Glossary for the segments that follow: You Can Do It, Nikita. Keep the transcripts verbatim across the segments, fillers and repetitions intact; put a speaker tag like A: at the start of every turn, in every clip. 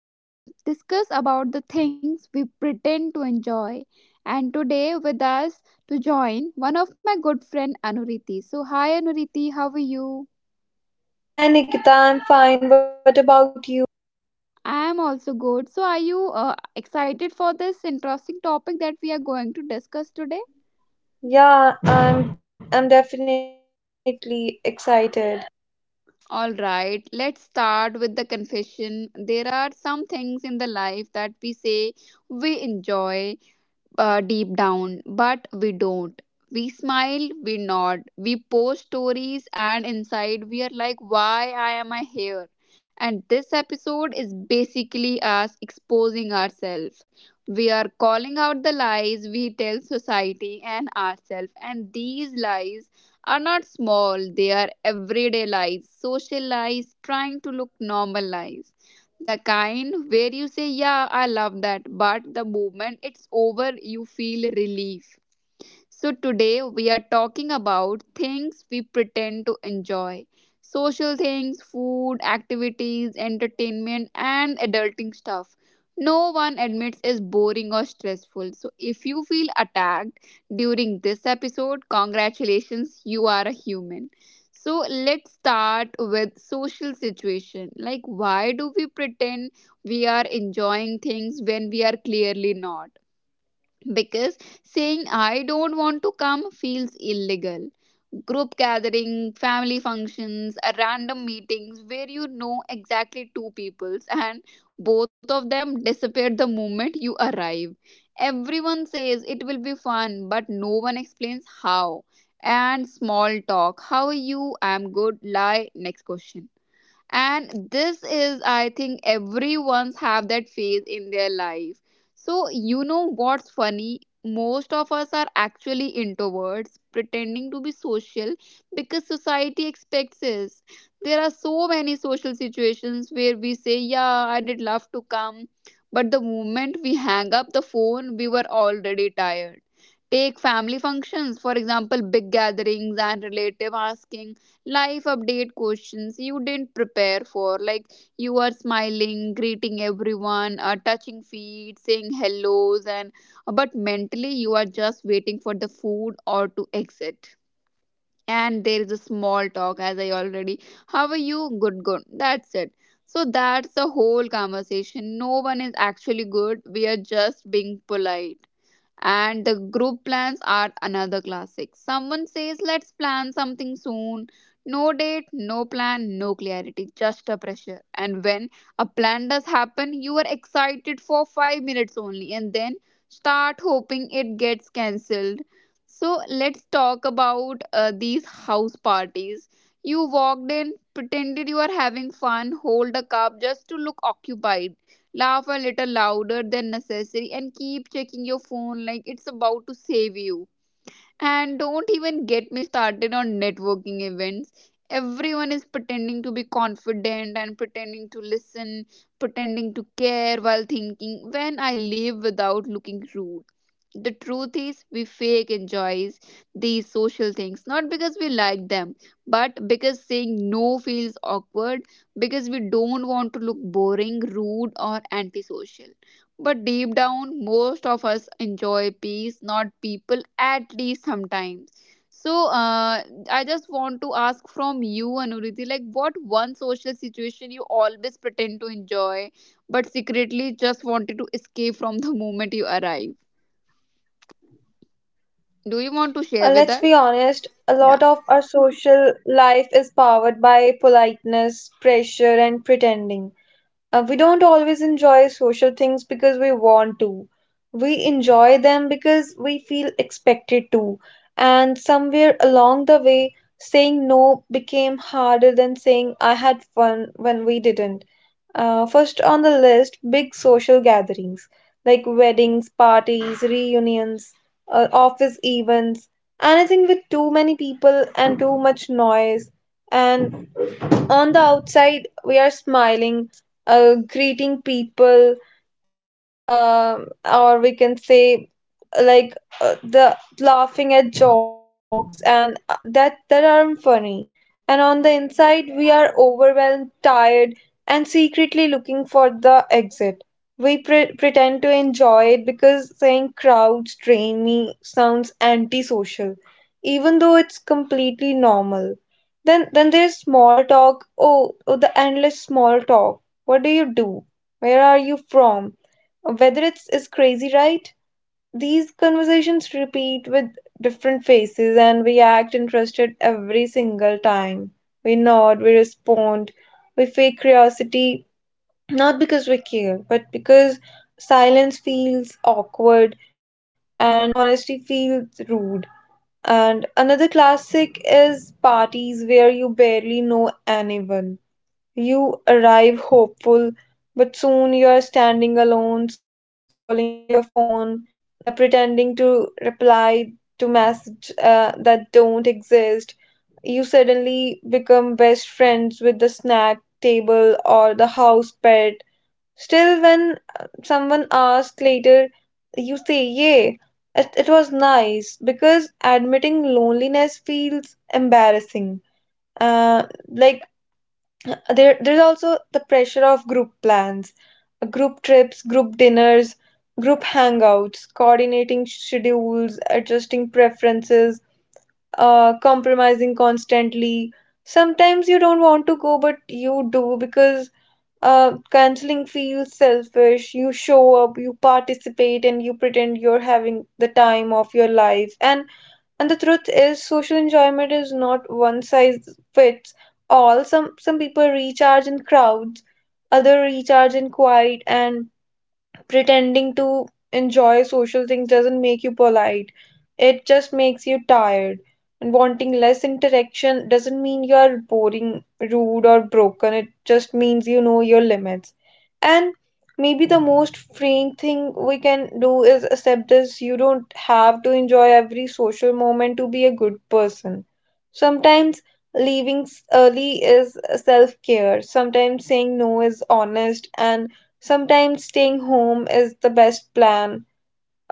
A: to t- discuss about the things we pretend to enjoy. And today with us to join one of my good friend Anuriti. So, hi Anuriti, how are you?
B: Hi Nikita, I'm fine. What about you?
A: I am also good. So, are you uh, excited for this interesting topic that we are going to discuss today?
B: Yeah, I'm I'm definitely excited.
A: All right, let's start with the confession. There are some things in the life that we say we enjoy uh, deep down, but we don't. We smile, we nod, we post stories, and inside we are like, why I am I here? And this episode is basically us exposing ourselves. We are calling out the lies we tell society and ourselves, and these lies are not small, they are everyday lies, social lies, trying to look normal lies, the kind where you say yeah, I love that, but the moment it's over you feel relief. So, today we are talking about things we pretend to enjoy: social things, food, activities, entertainment, and adulting stuff. No one admits is boring or stressful. So, if you feel attacked during this episode, congratulations, you are a human. So, let's start with social situation. Like, why do we pretend we are enjoying things when we are clearly not? Because saying I don't want to come feels illegal. Group gathering, family functions, uh, random meetings where you know exactly two peoples and both of them disappear the moment you arrive. Everyone says it will be fun, but no one explains how. And small talk. How are you? I'm good. Lie. Next question. And this is, I think, everyone's have that phase in their life. So you know what's funny, most of us are actually introverts pretending to be social because society expects us. There are so many social situations where we say yeah, I did love to come, but the moment we hang up the phone we were already tired. Take family functions for example, big gatherings and relative asking life update questions you didn't prepare for, like you are smiling, greeting everyone, uh, touching feet, saying hellos, and uh, but mentally you are just waiting for the food or to exit. And there is a small talk, as I already, how are you, good, good, that's it. So that's the whole conversation. No one is actually good, we are just being polite. And the group plans are another classic. Someone says, "Let's plan something soon." No date, no plan, no clarity, just a pressure. And when a plan does happen, you are excited for five minutes only and then start hoping it gets cancelled. So, let's talk about uh, these house parties. You walked in, pretended you are having fun, hold a cup just to look occupied, laugh a little louder than necessary, and keep checking your phone like it's about to save you. And don't even get me started on networking events. Everyone is pretending to be confident and pretending to listen, pretending to care while thinking, when I live without looking rude. The truth is, we fake enjoys these social things not because we like them, but because saying no feels awkward, because we don't want to look boring, rude, or antisocial. But deep down, most of us enjoy peace, not people, at least sometimes. So, uh, I just want to ask from you, Anuriti, like what one social situation you always pretend to enjoy, but secretly just wanted to escape from the moment you arrive? Do you want to
B: Uh,
A: share with
B: let's
A: us?
B: be honest, a
A: Yeah.
B: lot of our social life is powered by politeness, pressure, and pretending. Uh, we don't always enjoy social things because we want to. We enjoy them because we feel expected to. And somewhere along the way, saying no became harder than saying I had fun when we didn't Uh, First on the list, big social gatherings like weddings, parties, reunions, uh, office events, anything with too many people and too much noise. And on the outside, we are smiling, uh, greeting people, um or we can say like uh, the laughing at jokes and uh, that that aren't funny, and on the inside we are overwhelmed, tired, and secretly looking for the exit. We pre- pretend to enjoy it because saying crowds drain me sounds antisocial, even though it's completely normal. Then then there's small talk. Oh, oh the endless small talk. What do you do? Where are you from? Whether it's is crazy, right? These conversations repeat with different faces, and we act interested every single time. We nod, we respond, we fake curiosity, not because we care, but because silence feels awkward and honesty feels rude. And another classic is parties where you barely know anyone. You arrive hopeful, but soon you are standing alone, scrolling your phone, uh, pretending to reply to messages uh, that don't exist. You suddenly become best friends with the snack table or the house pet. Still, when uh, someone asks later, you say, "Yay, it, it was nice," because admitting loneliness feels embarrassing. Uh, like there, there's also the pressure of group plans, group trips, group dinners, group hangouts, coordinating schedules, adjusting preferences, uh, compromising constantly. Sometimes you don't want to go, but you do because uh, canceling feels selfish. You show up, you participate, and you pretend you're having the time of your life. And and the truth is, social enjoyment is not one size fits all. Some some people recharge in crowds, other recharge in quiet, and pretending to enjoy social things doesn't make you polite. It just makes you tired. And wanting less interaction doesn't mean you are boring, rude, or broken. It just means you know your limits. And maybe the most freeing thing we can do is accept this: you don't have to enjoy every social moment to be a good person. Sometimes leaving s- early is self care, sometimes saying no is honest, and sometimes staying home is the best plan,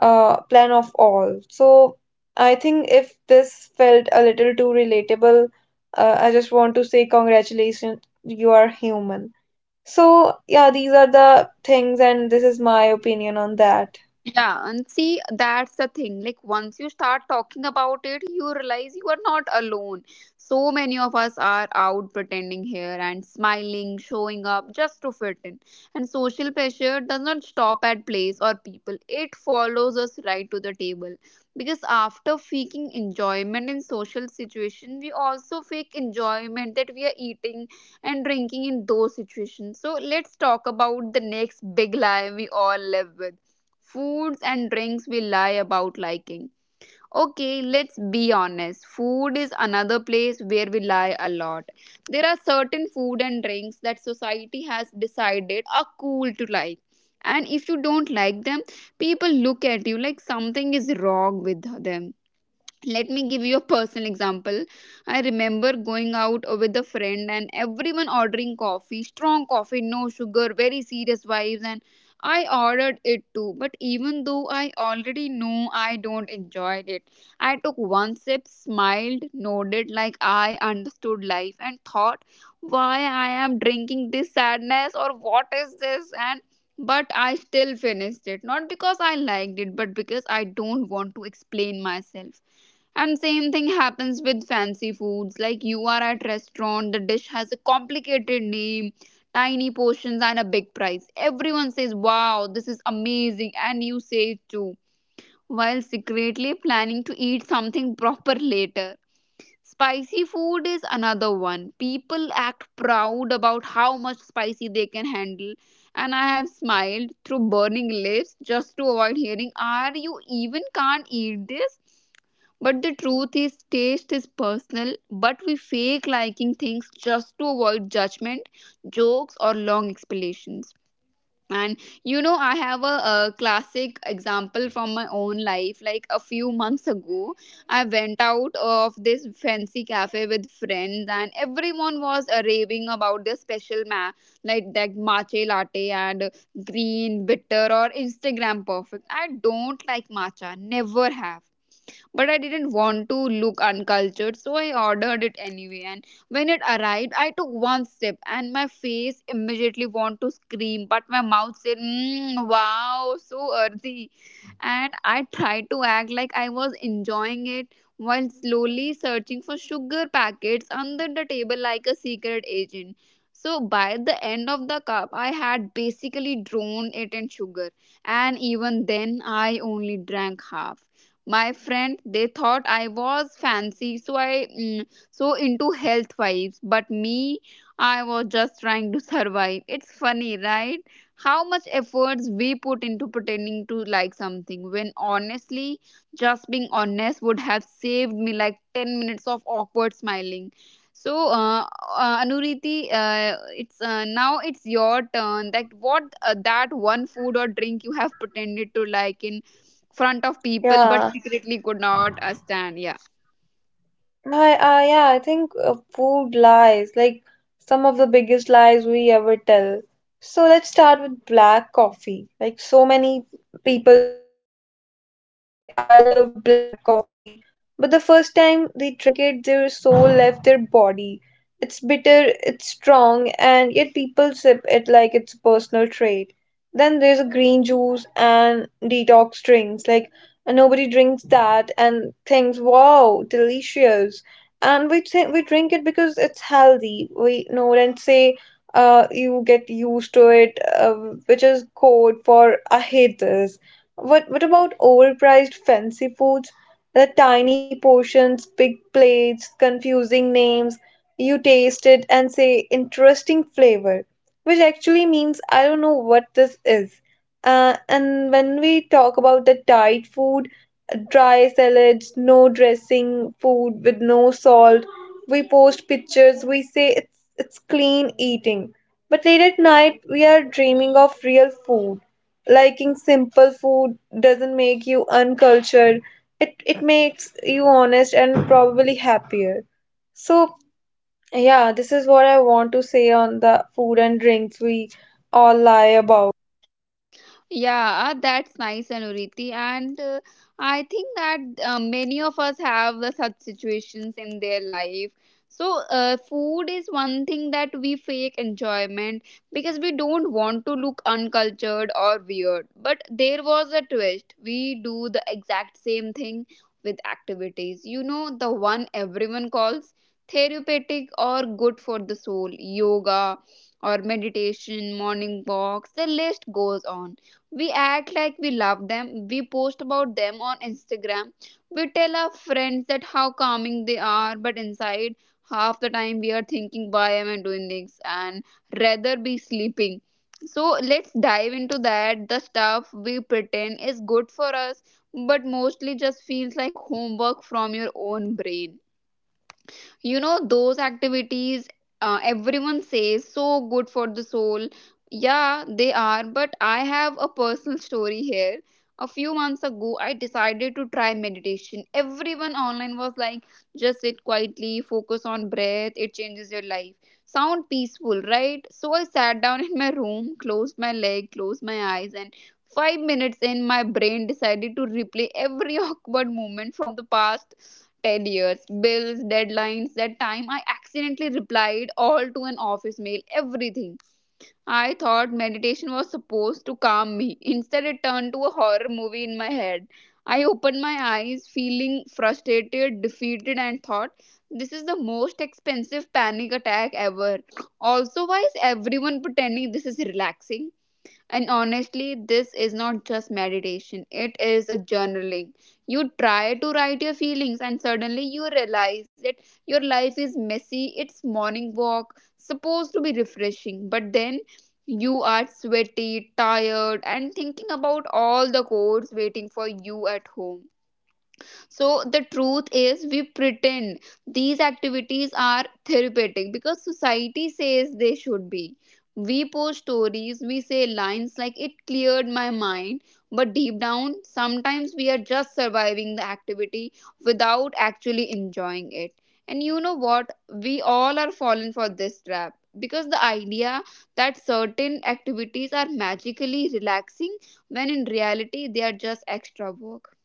B: uh, plan of all. So I think if this felt a little too relatable, uh, I just want to say congratulations, you are human. So, yeah, these are the things, and this is my opinion on that.
A: Yeah, and see, that's the thing. Like, once you start talking about it, you realize you are not alone. So many of us are out pretending here and smiling, showing up just to fit in. And social pressure does not stop at place or people, it follows us right to the table. Because after faking enjoyment in social situations, we also fake enjoyment that we are eating and drinking in those situations. So, let's talk about the next big lie we all live with. Foods and drinks we lie about liking. Okay, let's be honest. Food is another place where we lie a lot. There are certain food and drinks that society has decided are cool to like. And if you don't like them, people look at you like something is wrong with them. Let me give you a personal example. I remember going out with a friend and everyone ordering coffee, strong coffee, no sugar, very serious vibes. And I ordered it too, but even though I already know I don't enjoy it, I took one sip, smiled, nodded like I understood life, and thought, why I am drinking this sadness, or what is this? And but I still finished it, not because I liked it, but because I don't want to explain myself. And same thing happens with fancy foods. Like you are at restaurant, the dish has a complicated name, tiny portions and a big price. Everyone says, "Wow, this is amazing," and you say it too, while secretly planning to eat something proper later. Spicy food is another one. People act proud about how much spicy they can handle, and I have smiled through burning lips just to avoid hearing, "Are you even can't eat this?" But the truth is, taste is personal, but we fake liking things just to avoid judgment, jokes, or long explanations. And you know, I have a, a classic example from my own life. Like a few months ago, I went out of this fancy cafe with friends, and everyone was uh, raving about their special ma, like that matcha latte and green bitter or Instagram perfect. I don't like matcha, never have, but I didn't want to look uncultured, so I ordered it anyway. And when it arrived, I took one sip, and my face immediately want to scream, but my mouth said, mm, "Wow, so earthy," and I tried to act like I was enjoying it while slowly searching for sugar packets under the table like a secret agent. So by the end of the cup, I had basically drawn it in sugar, and even then, I only drank half. My friend they thought I was fancy, so i mm, so into health vibes, but me, I was just trying to survive. It's funny, right, how much efforts we put into pretending to like something when honestly just being honest would have saved me like ten minutes of awkward smiling. So uh, uh, Anuriti, uh, it's uh, now it's your turn, like what, uh, that one food or drink you have pretended to like in front of people
B: Yeah.
A: but secretly could not uh, stand, yeah?
B: I, I, yeah, I think uh, food lies, like some of the biggest lies we ever tell. So let's start with black coffee. Like so many people say, I love black coffee, but the first time they drank it, their soul left their body. It's bitter, it's strong, and yet people sip it like it's a personal trait. Then there's a green juice and detox drinks. Like nobody drinks that and thinks, wow, delicious. And we say we drink it because it's healthy. We know and say uh, you get used to it, uh, which is code for I hate this. What what about overpriced fancy foods? The tiny portions, big plates, confusing names. You taste it and say interesting flavor, which actually means I don't know what this is. Uh, and when we talk about the diet food, dry salads, no dressing, food with no salt. We post pictures, we say it's it's clean eating. But late at night we are dreaming of real food. Liking simple food doesn't make you uncultured. It it makes you honest and probably happier. So yeah, this is what I want to say on the food and drinks we all lie about.
A: Yeah, uh, that's nice, Anuriti. And uh, I think that uh, many of us have the such situations in their life. So, uh, food is one thing that we fake enjoyment because we don't want to look uncultured or weird. But there was a twist. We do the exact same thing with activities. You know, the one everyone calls therapeutic or good for the soul, yoga or meditation, morning walks, the list goes on. We act like we love them. We post about them on Instagram. We tell our friends that how calming they are, but inside, half the time we are thinking, why am I doing this? And rather be sleeping. So let's dive into that. The stuff we pretend is good for us, but mostly just feels like homework from your own brain. You know those activities, uh, everyone says so good for the soul. Yeah they are, but I have a personal story here. A few months ago I decided to try meditation. Everyone online was like, just sit quietly, focus on breath, it changes your life. Sound peaceful, right? So I sat down in my room, closed my leg, closed my eyes, and five minutes in, my brain decided to replay every awkward moment from the past ten years, bills, deadlines, that time I accidentally replied all to an office mail, everything. I thought meditation was supposed to calm me, instead it turned to a horror movie in my head. I opened my eyes feeling frustrated, defeated, and thought, this is the most expensive panic attack ever. Also, why is everyone pretending this is relaxing? And honestly, this is not just meditation, it is a journaling. You try to write your feelings, and suddenly you realize that your life is messy. It's morning walk, supposed to be refreshing, but then you are sweaty, tired, and thinking about all the chores waiting for you at home. So the truth is, we pretend these activities are therapeutic because society says they should be. We post stories, we say lines like, it cleared my mind. But deep down, sometimes we are just surviving the activity without actually enjoying it. And you know what? We all are fallen for this trap because the idea that certain activities are magically relaxing when in reality they are just extra work.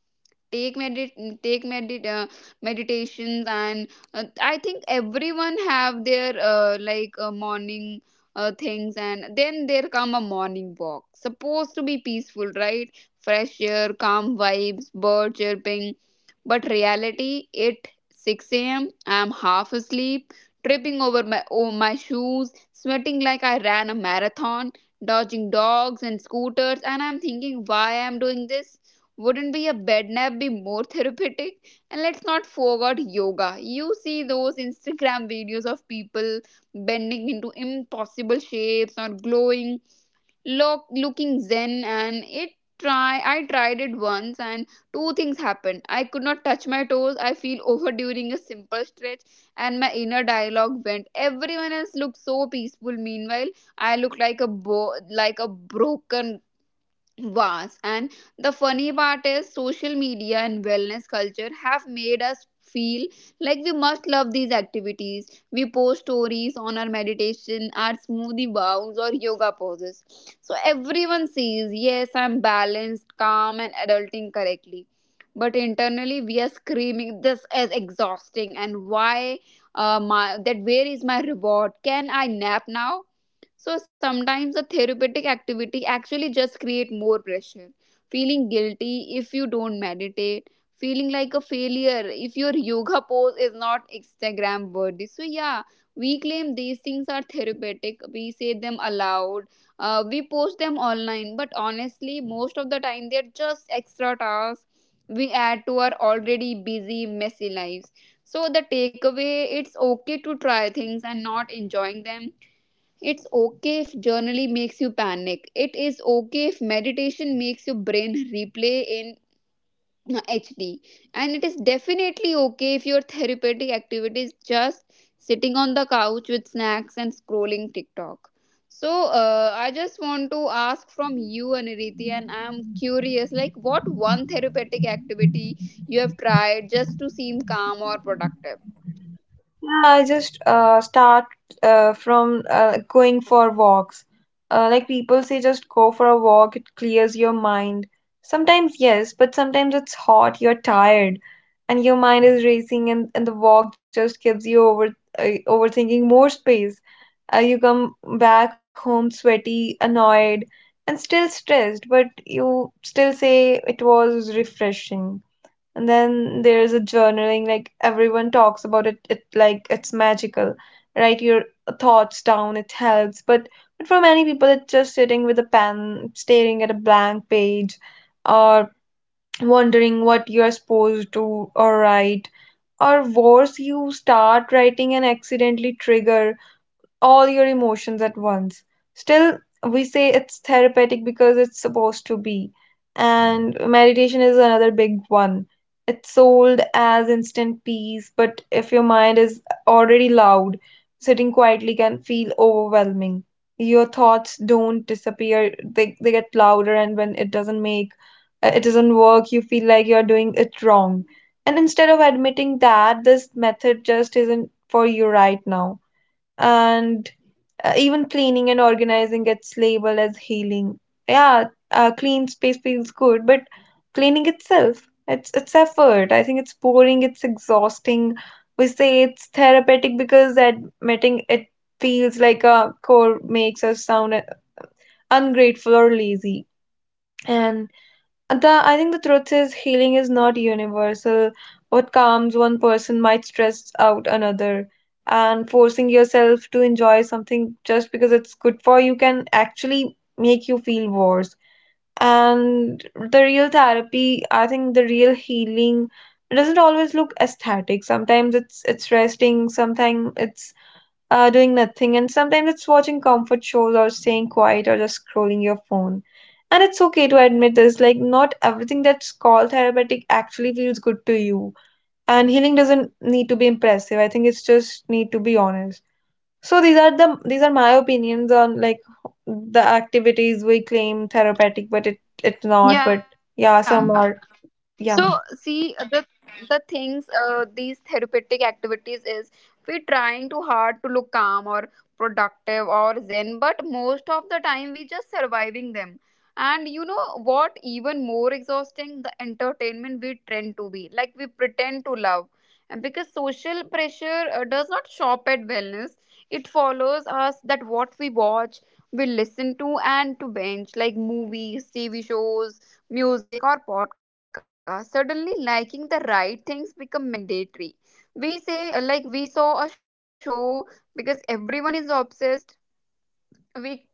A: Take medit take medit uh, Meditations and uh, I think everyone have their uh, like uh, morning uh, things, and then there come a morning walk supposed to be peaceful, right? Fresh air, calm vibes, bird chirping. But reality, it six a.m, I'm half asleep, tripping over my oh, my shoes, sweating like I ran a marathon, dodging dogs and scooters, and I'm thinking, why I'm doing this? Wouldn't be a bed nap be more therapeutic? And let's not forget yoga. You see those Instagram videos of people bending into impossible shapes or glowing, look, looking zen, and it try I tried it once, and two things happened. I could not touch my toes. I feel over during a simple stretch, and my inner dialogue went. Everyone else looked so peaceful. Meanwhile, I looked like a bo- like a broken was. And the funny part is, social media and wellness culture have made us feel like we must love these activities. We post stories on our meditation, our smoothie bowls, or yoga poses, so everyone says, yes, I'm balanced, calm, and adulting correctly. But internally, we are screaming, this is exhausting, and why uh, my that where is my reward? Can I nap now? So sometimes a therapeutic activity actually just create more pressure. Feeling guilty if you don't meditate, feeling like a failure if your yoga pose is not Instagram worthy. So yeah, we claim these things are therapeutic. We say them aloud. Uh, we post them online, but honestly, most of the time they're just extra tasks we add to our already busy, messy lives. So the takeaway, it's okay to try things and not enjoying them. It's okay if journaling makes you panic. It is okay if meditation makes your brain replay in H D. And it is definitely okay if your therapeutic activity is just sitting on the couch with snacks and scrolling TikTok. So uh, I just want to ask from you, Aniriti, and I'm curious, like, what one therapeutic activity you have tried just to seem calm or productive?
B: I just uh, start uh, from uh, going for walks. Uh, like people say, just go for a walk, it clears your mind. Sometimes, yes, but sometimes it's hot, you're tired, and your mind is racing, and, and the walk just gives you over uh, overthinking more space. Uh, you come back home sweaty, annoyed, and still stressed, but you still say it was refreshing. And then there's a journaling, like everyone talks about it, it like it's magical. Write your thoughts down, it helps. But but for many people, it's just sitting with a pen, staring at a blank page, or wondering what you're supposed to or write. Or worse, you start writing and accidentally trigger all your emotions at once. Still, we say it's therapeutic because it's supposed to be. And meditation is another big one. It's sold as instant peace, but if your mind is already loud, sitting quietly can feel overwhelming. Your thoughts don't disappear, they, they get louder, and when it doesn't make uh, it doesn't work, you feel like you're doing it wrong. And instead of admitting that, this method just isn't for you right now. And uh, even cleaning and organizing gets labeled as healing. Yeah, uh, clean space feels good, but cleaning itself, it's it's effort, I think it's boring, it's exhausting. We say it's therapeutic because admitting it feels like a core, makes us sound uh, ungrateful or lazy. And the I think the truth is healing is not universal. What calms one person might stress out another, and forcing yourself to enjoy something just because it's good for you can actually make you feel worse. And the real therapy, I think the real healing doesn't always look aesthetic. Sometimes it's it's resting, sometimes it's uh, doing nothing, and sometimes it's watching comfort shows or staying quiet or just scrolling your phone. And it's okay to admit this, like, not everything that's called therapeutic actually feels good to you. And healing doesn't need to be impressive. I think it's just need to be honest. So these are the these are my opinions on like the activities we claim therapeutic, but it it's not. But
A: Yeah.
B: yeah,
A: So
B: some are
A: see the
B: yeah.
A: the things, uh, these therapeutic activities is we trying too hard to look calm or productive or zen, but most of the time we just surviving them. And you know what? Even more exhausting, the entertainment we tend to be like we pretend to love, and because social pressure uh, does not shop at wellness, it follows us that what we watch, we listen to, and to binge, like movies, T V shows, music, or podcasts. Suddenly, liking the right things become mandatory. We say, uh, like, we saw a show because everyone is obsessed. We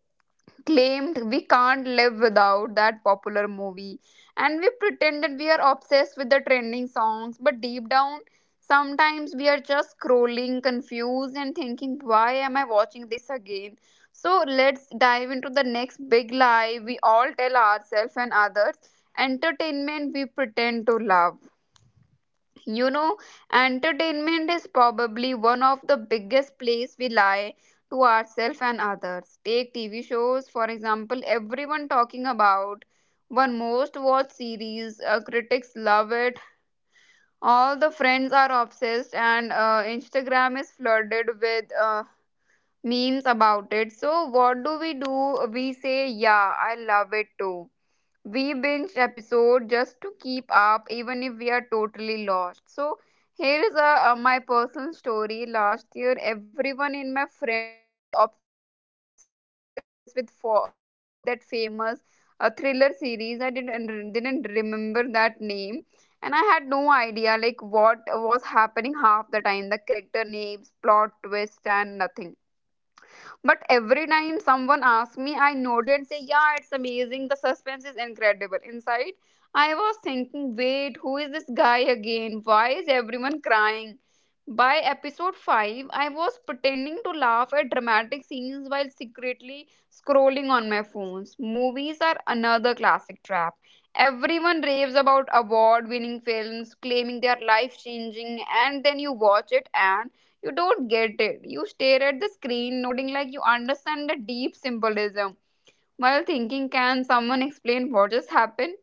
A: claimed we can't live without that popular movie, and we pretended we are obsessed with the trending songs. But deep down, sometimes we are just scrolling, confused, and thinking, why am I watching this again? So let's dive into the next big lie we all tell ourselves and others: entertainment we pretend to love. You know, entertainment is probably one of the biggest place we lie to ourselves and others. Take T V shows, for example, everyone talking about one most watched series, uh, critics love it, all the friends are obsessed, and uh, Instagram is flooded with uh, memes about it. So what do we do? We say, yeah, I love it too. We binge episode just to keep up even if we are totally lost. So here is a, uh, my personal story. Last year everyone in my friend group was obsessed with for, that famous uh, thriller series. I didn't didn't remember that name, and I had no idea like what was happening half the time, the character names, plot twist, and nothing. But every time someone asks me, I nodded and say, yeah, it's amazing. The suspense is incredible. Inside, I was thinking, wait, who is this guy again? Why is everyone crying? By episode five, I was pretending to laugh at dramatic scenes while secretly scrolling on my phones. Movies are another classic trap. Everyone raves about award winning films, claiming they are life changing, and then you watch it, you don't get it. You stare at the screen, nodding like you understand the deep symbolism while thinking, can someone explain what just happened?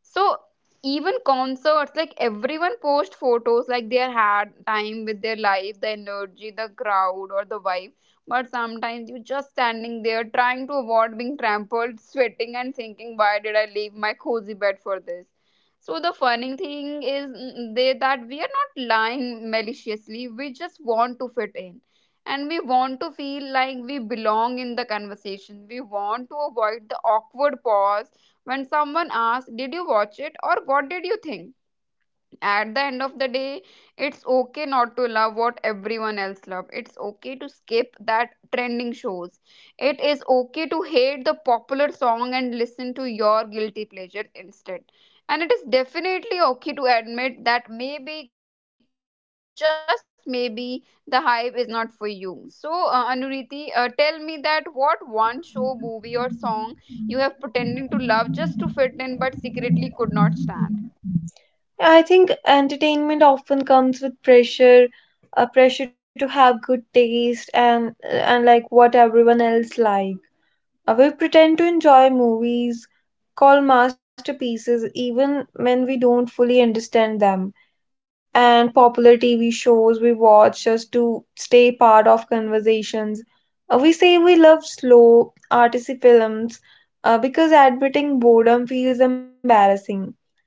A: So even concerts, like everyone post photos, like their had time with their life, the energy, the crowd, or the vibe. But sometimes you're just standing there trying to avoid being trampled, sweating, and thinking, why did I leave my cozy bed for this? So the funny thing is mm, they that we are not lying maliciously. We just want to fit in, and we want to feel like we belong in the conversation. We want to avoid the awkward pause when someone asks, did you watch it? Or what did you think? At the end of the day, it's okay not to love what everyone else loves. It's okay to skip that trending shows. It is okay to hate the popular song and listen to your guilty pleasure instead. And it is definitely okay to admit that maybe, just maybe, the hype is not for you. So uh, Anuriti, uh, tell me that what one show, movie, or song you have pretended to love just to fit in but secretly could not stand.
B: I think entertainment often comes with pressure, a pressure to have good taste and and like what everyone else like. Uh, we pretend to enjoy movies called masterpieces even when we don't fully understand them. And popular T V shows we watch just to stay part of conversations. Uh, we say we love slow, artsy films uh, because admitting boredom feels embarrassing.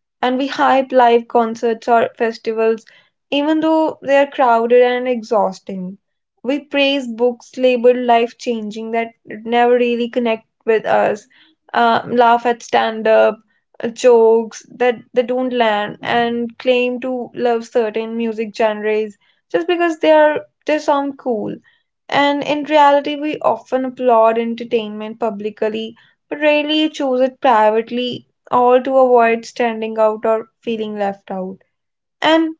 B: And we hype live concerts or festivals, even though they are crowded and exhausting. We praise books labeled life changing that never really connect with us, um, laugh at stand up jokes that, that don't land, and claim to love certain music genres just because they are they sound cool. And in reality, we often applaud entertainment publicly, but rarely choose it privately, all to avoid standing out or feeling left out. And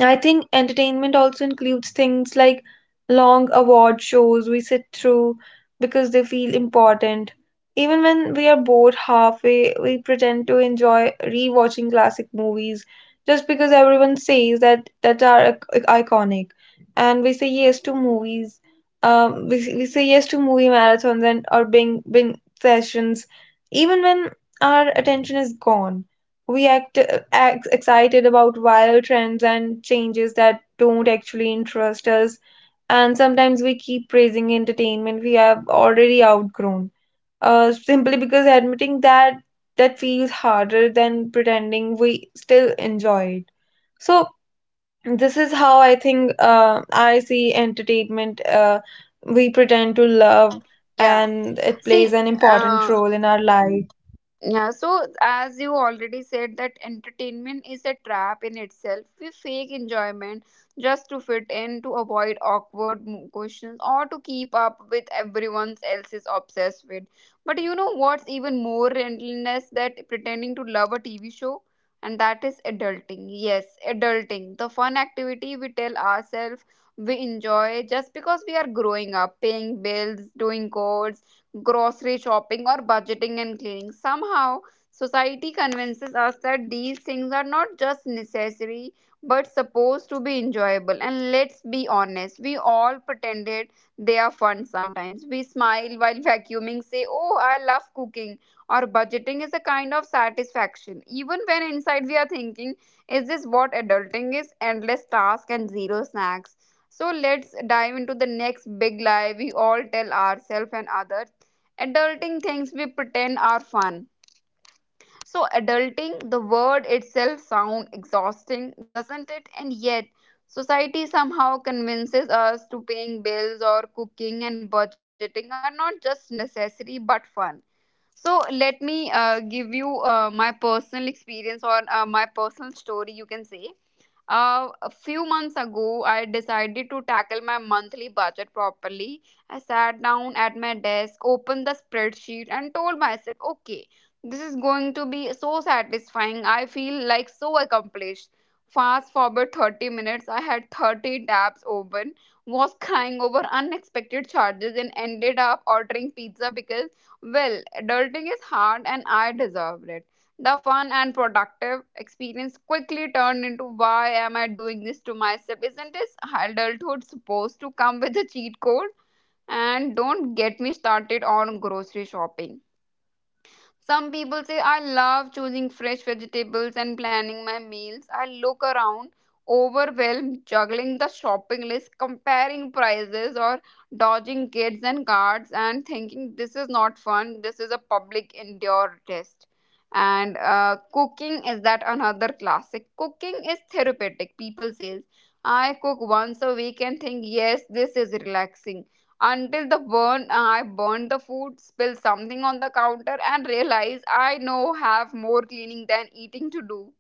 B: I think entertainment also includes things like long award shows we sit through because they feel important. Even when we are bored halfway, we pretend to enjoy rewatching classic movies just because everyone says that that are ic- iconic. And we say yes to movies. Um, we, we say yes to movie marathons and or bing bing sessions, even when our attention is gone. We act ex- excited about viral trends and changes that don't actually interest us, and sometimes we keep praising entertainment we have already outgrown, uh, simply because admitting that that feels harder than pretending we still enjoy it. So this is how I think, uh, I see entertainment uh, we pretend to love,
A: Yeah.
B: and it
A: See,
B: plays an important
A: uh,
B: role in our life.
A: yeah, so as you already said, that entertainment is a trap in itself. We fake enjoyment just to fit in, to avoid awkward mo- questions, or to keep up with everyone else is obsessed with. But you know what's even more relentless that pretending to love a T V show, and that is adulting. Yes, adulting, the fun activity we tell ourselves we enjoy just because we are growing up, paying bills, doing chores, grocery shopping, or budgeting and cleaning. Somehow, society convinces us that these things are not just necessary but supposed to be enjoyable. And let's be honest, we all pretended they are fun sometimes. We smile while vacuuming, say, oh, I love cooking, or budgeting is a kind of satisfaction, even when inside we are thinking, is this what adulting is? Endless tasks and zero snacks. So let's dive into the next big lie we all tell ourselves and others: adulting things we pretend are fun. So adulting, the word itself sounds exhausting, doesn't it? And yet, society somehow convinces us to paying bills or cooking and budgeting are not just necessary but fun. So let me uh, give you uh, my personal experience or uh, my personal story, you can say. Uh, a few months ago, I decided to tackle my monthly budget properly. I sat down at my desk, opened the spreadsheet, and told myself, okay, this is going to be so satisfying. I feel like so accomplished. Fast forward thirty minutes, I had thirty tabs open, was crying over unexpected charges, and ended up ordering pizza because, well, adulting is hard and I deserved it. The fun and productive experience quickly turned into, why am I doing this to myself? Isn't this adulthood supposed to come with a cheat code? And don't get me started on grocery shopping. Some people say, I love choosing fresh vegetables and planning my meals. I look around, overwhelmed, juggling the shopping list, comparing prices, or dodging kids and cards, and thinking, this is not fun. This is a public endure test. And uh, cooking is that another classic. Cooking is therapeutic. People says I cook once a week and think, yes, this is relaxing, until the burn uh, I burned the food, spilled something on the counter, and realized I now have more cleaning than eating to do.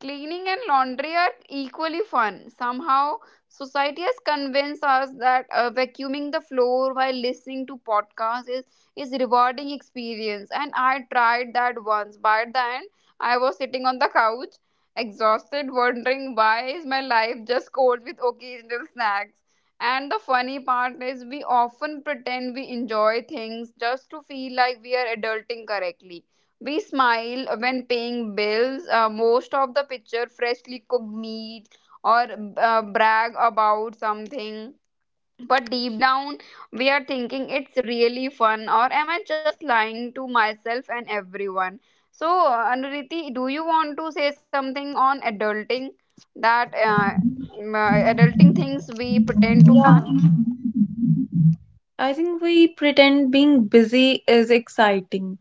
A: Cleaning and laundry are equally fun. Somehow, society has convinced us that uh, vacuuming the floor while listening to podcasts is is rewarding experience. And I tried that once. By the end, I was sitting on the couch, exhausted, wondering why is my life just cold with occasional snacks. And the funny part is, we often pretend we enjoy things just to feel like we are adulting correctly. We smile when paying bills. Uh, most of the picture freshly cooked meat or uh, brag about something. But deep down, we are thinking, it's really fun, or am I just lying to myself and everyone? So uh, Anuriti, do you want to say something on adulting? That uh, m- uh, Adulting things we pretend to
B: Yeah.
A: fun?
B: I think we pretend being busy is exciting.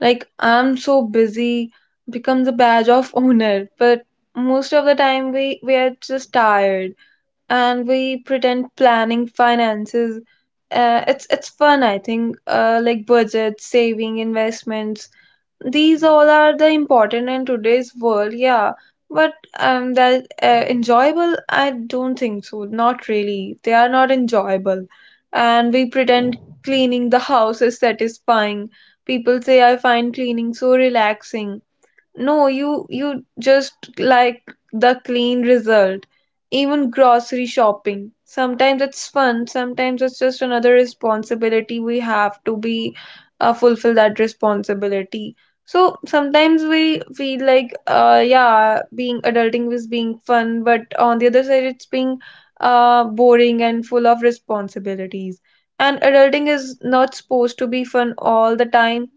B: Like, I'm so busy becomes a badge of honor, but most of the time we, we are just tired. And we pretend planning finances, Uh, it's it's fun, I think. Uh, like budget, saving, investments, these all are the important in today's world, yeah. But um that uh, enjoyable, I don't think so, not really, they are not enjoyable. And we pretend cleaning the house is satisfying. People say I find cleaning so relaxing. No, you you just like the clean result. Even grocery shopping. Sometimes it's fun, sometimes it's just another responsibility we have to be uh, fulfill that responsibility. So sometimes we feel like uh yeah, being adulting is being fun, but on the other side it's being uh boring and full of responsibilities. And adulting is not supposed to be fun all the time,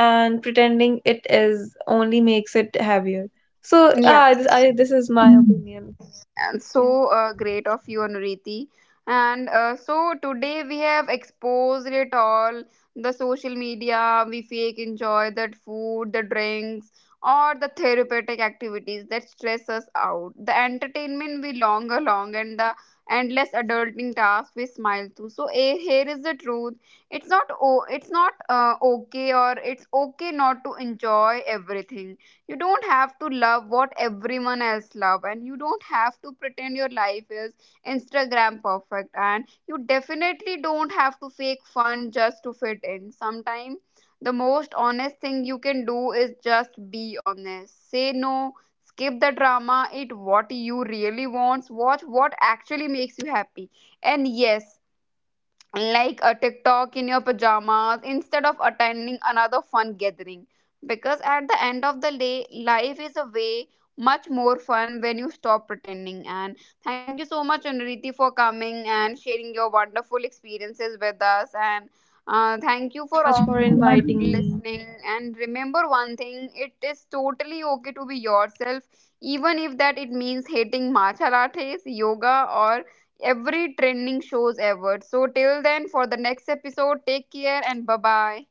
B: and pretending it is only makes it heavier. So,
A: Yeah.
B: ah, this, I, this is my opinion.
A: And so
B: Yeah.
A: uh, great of you, Anuriti. And uh, so today we have exposed it all, the social media we fake enjoy, that food, the drinks, or the therapeutic activities that stress us out, the entertainment we long along, and the endless adulting tasks we smile to. So eh, here is the truth. It's not oh it's not uh, okay or it's okay not to enjoy everything. You don't have to love what everyone else love, and you don't have to pretend your life is Instagram perfect, and you definitely don't have to fake fun just to fit in. Sometimes the most honest thing you can do is just be honest, say no, skip the drama, eat what you really want, watch what actually makes you happy, and yes, like a TikTok in your pajamas instead of attending another fun gathering. Because at the end of the day, life is a way much more fun when you stop pretending. And thank you so much, Anuriti, for coming and sharing your wonderful experiences with us. And uh, thank
B: Thank
A: you
B: you
A: for
B: so
A: all
B: much
A: who
B: for
A: are
B: inviting
A: listening.
B: me.
A: And remember one thing, it is totally okay to be yourself, even if that it means hating matcha lattes, yoga, or every trending shows ever. So till then for the next episode, take care and bye bye.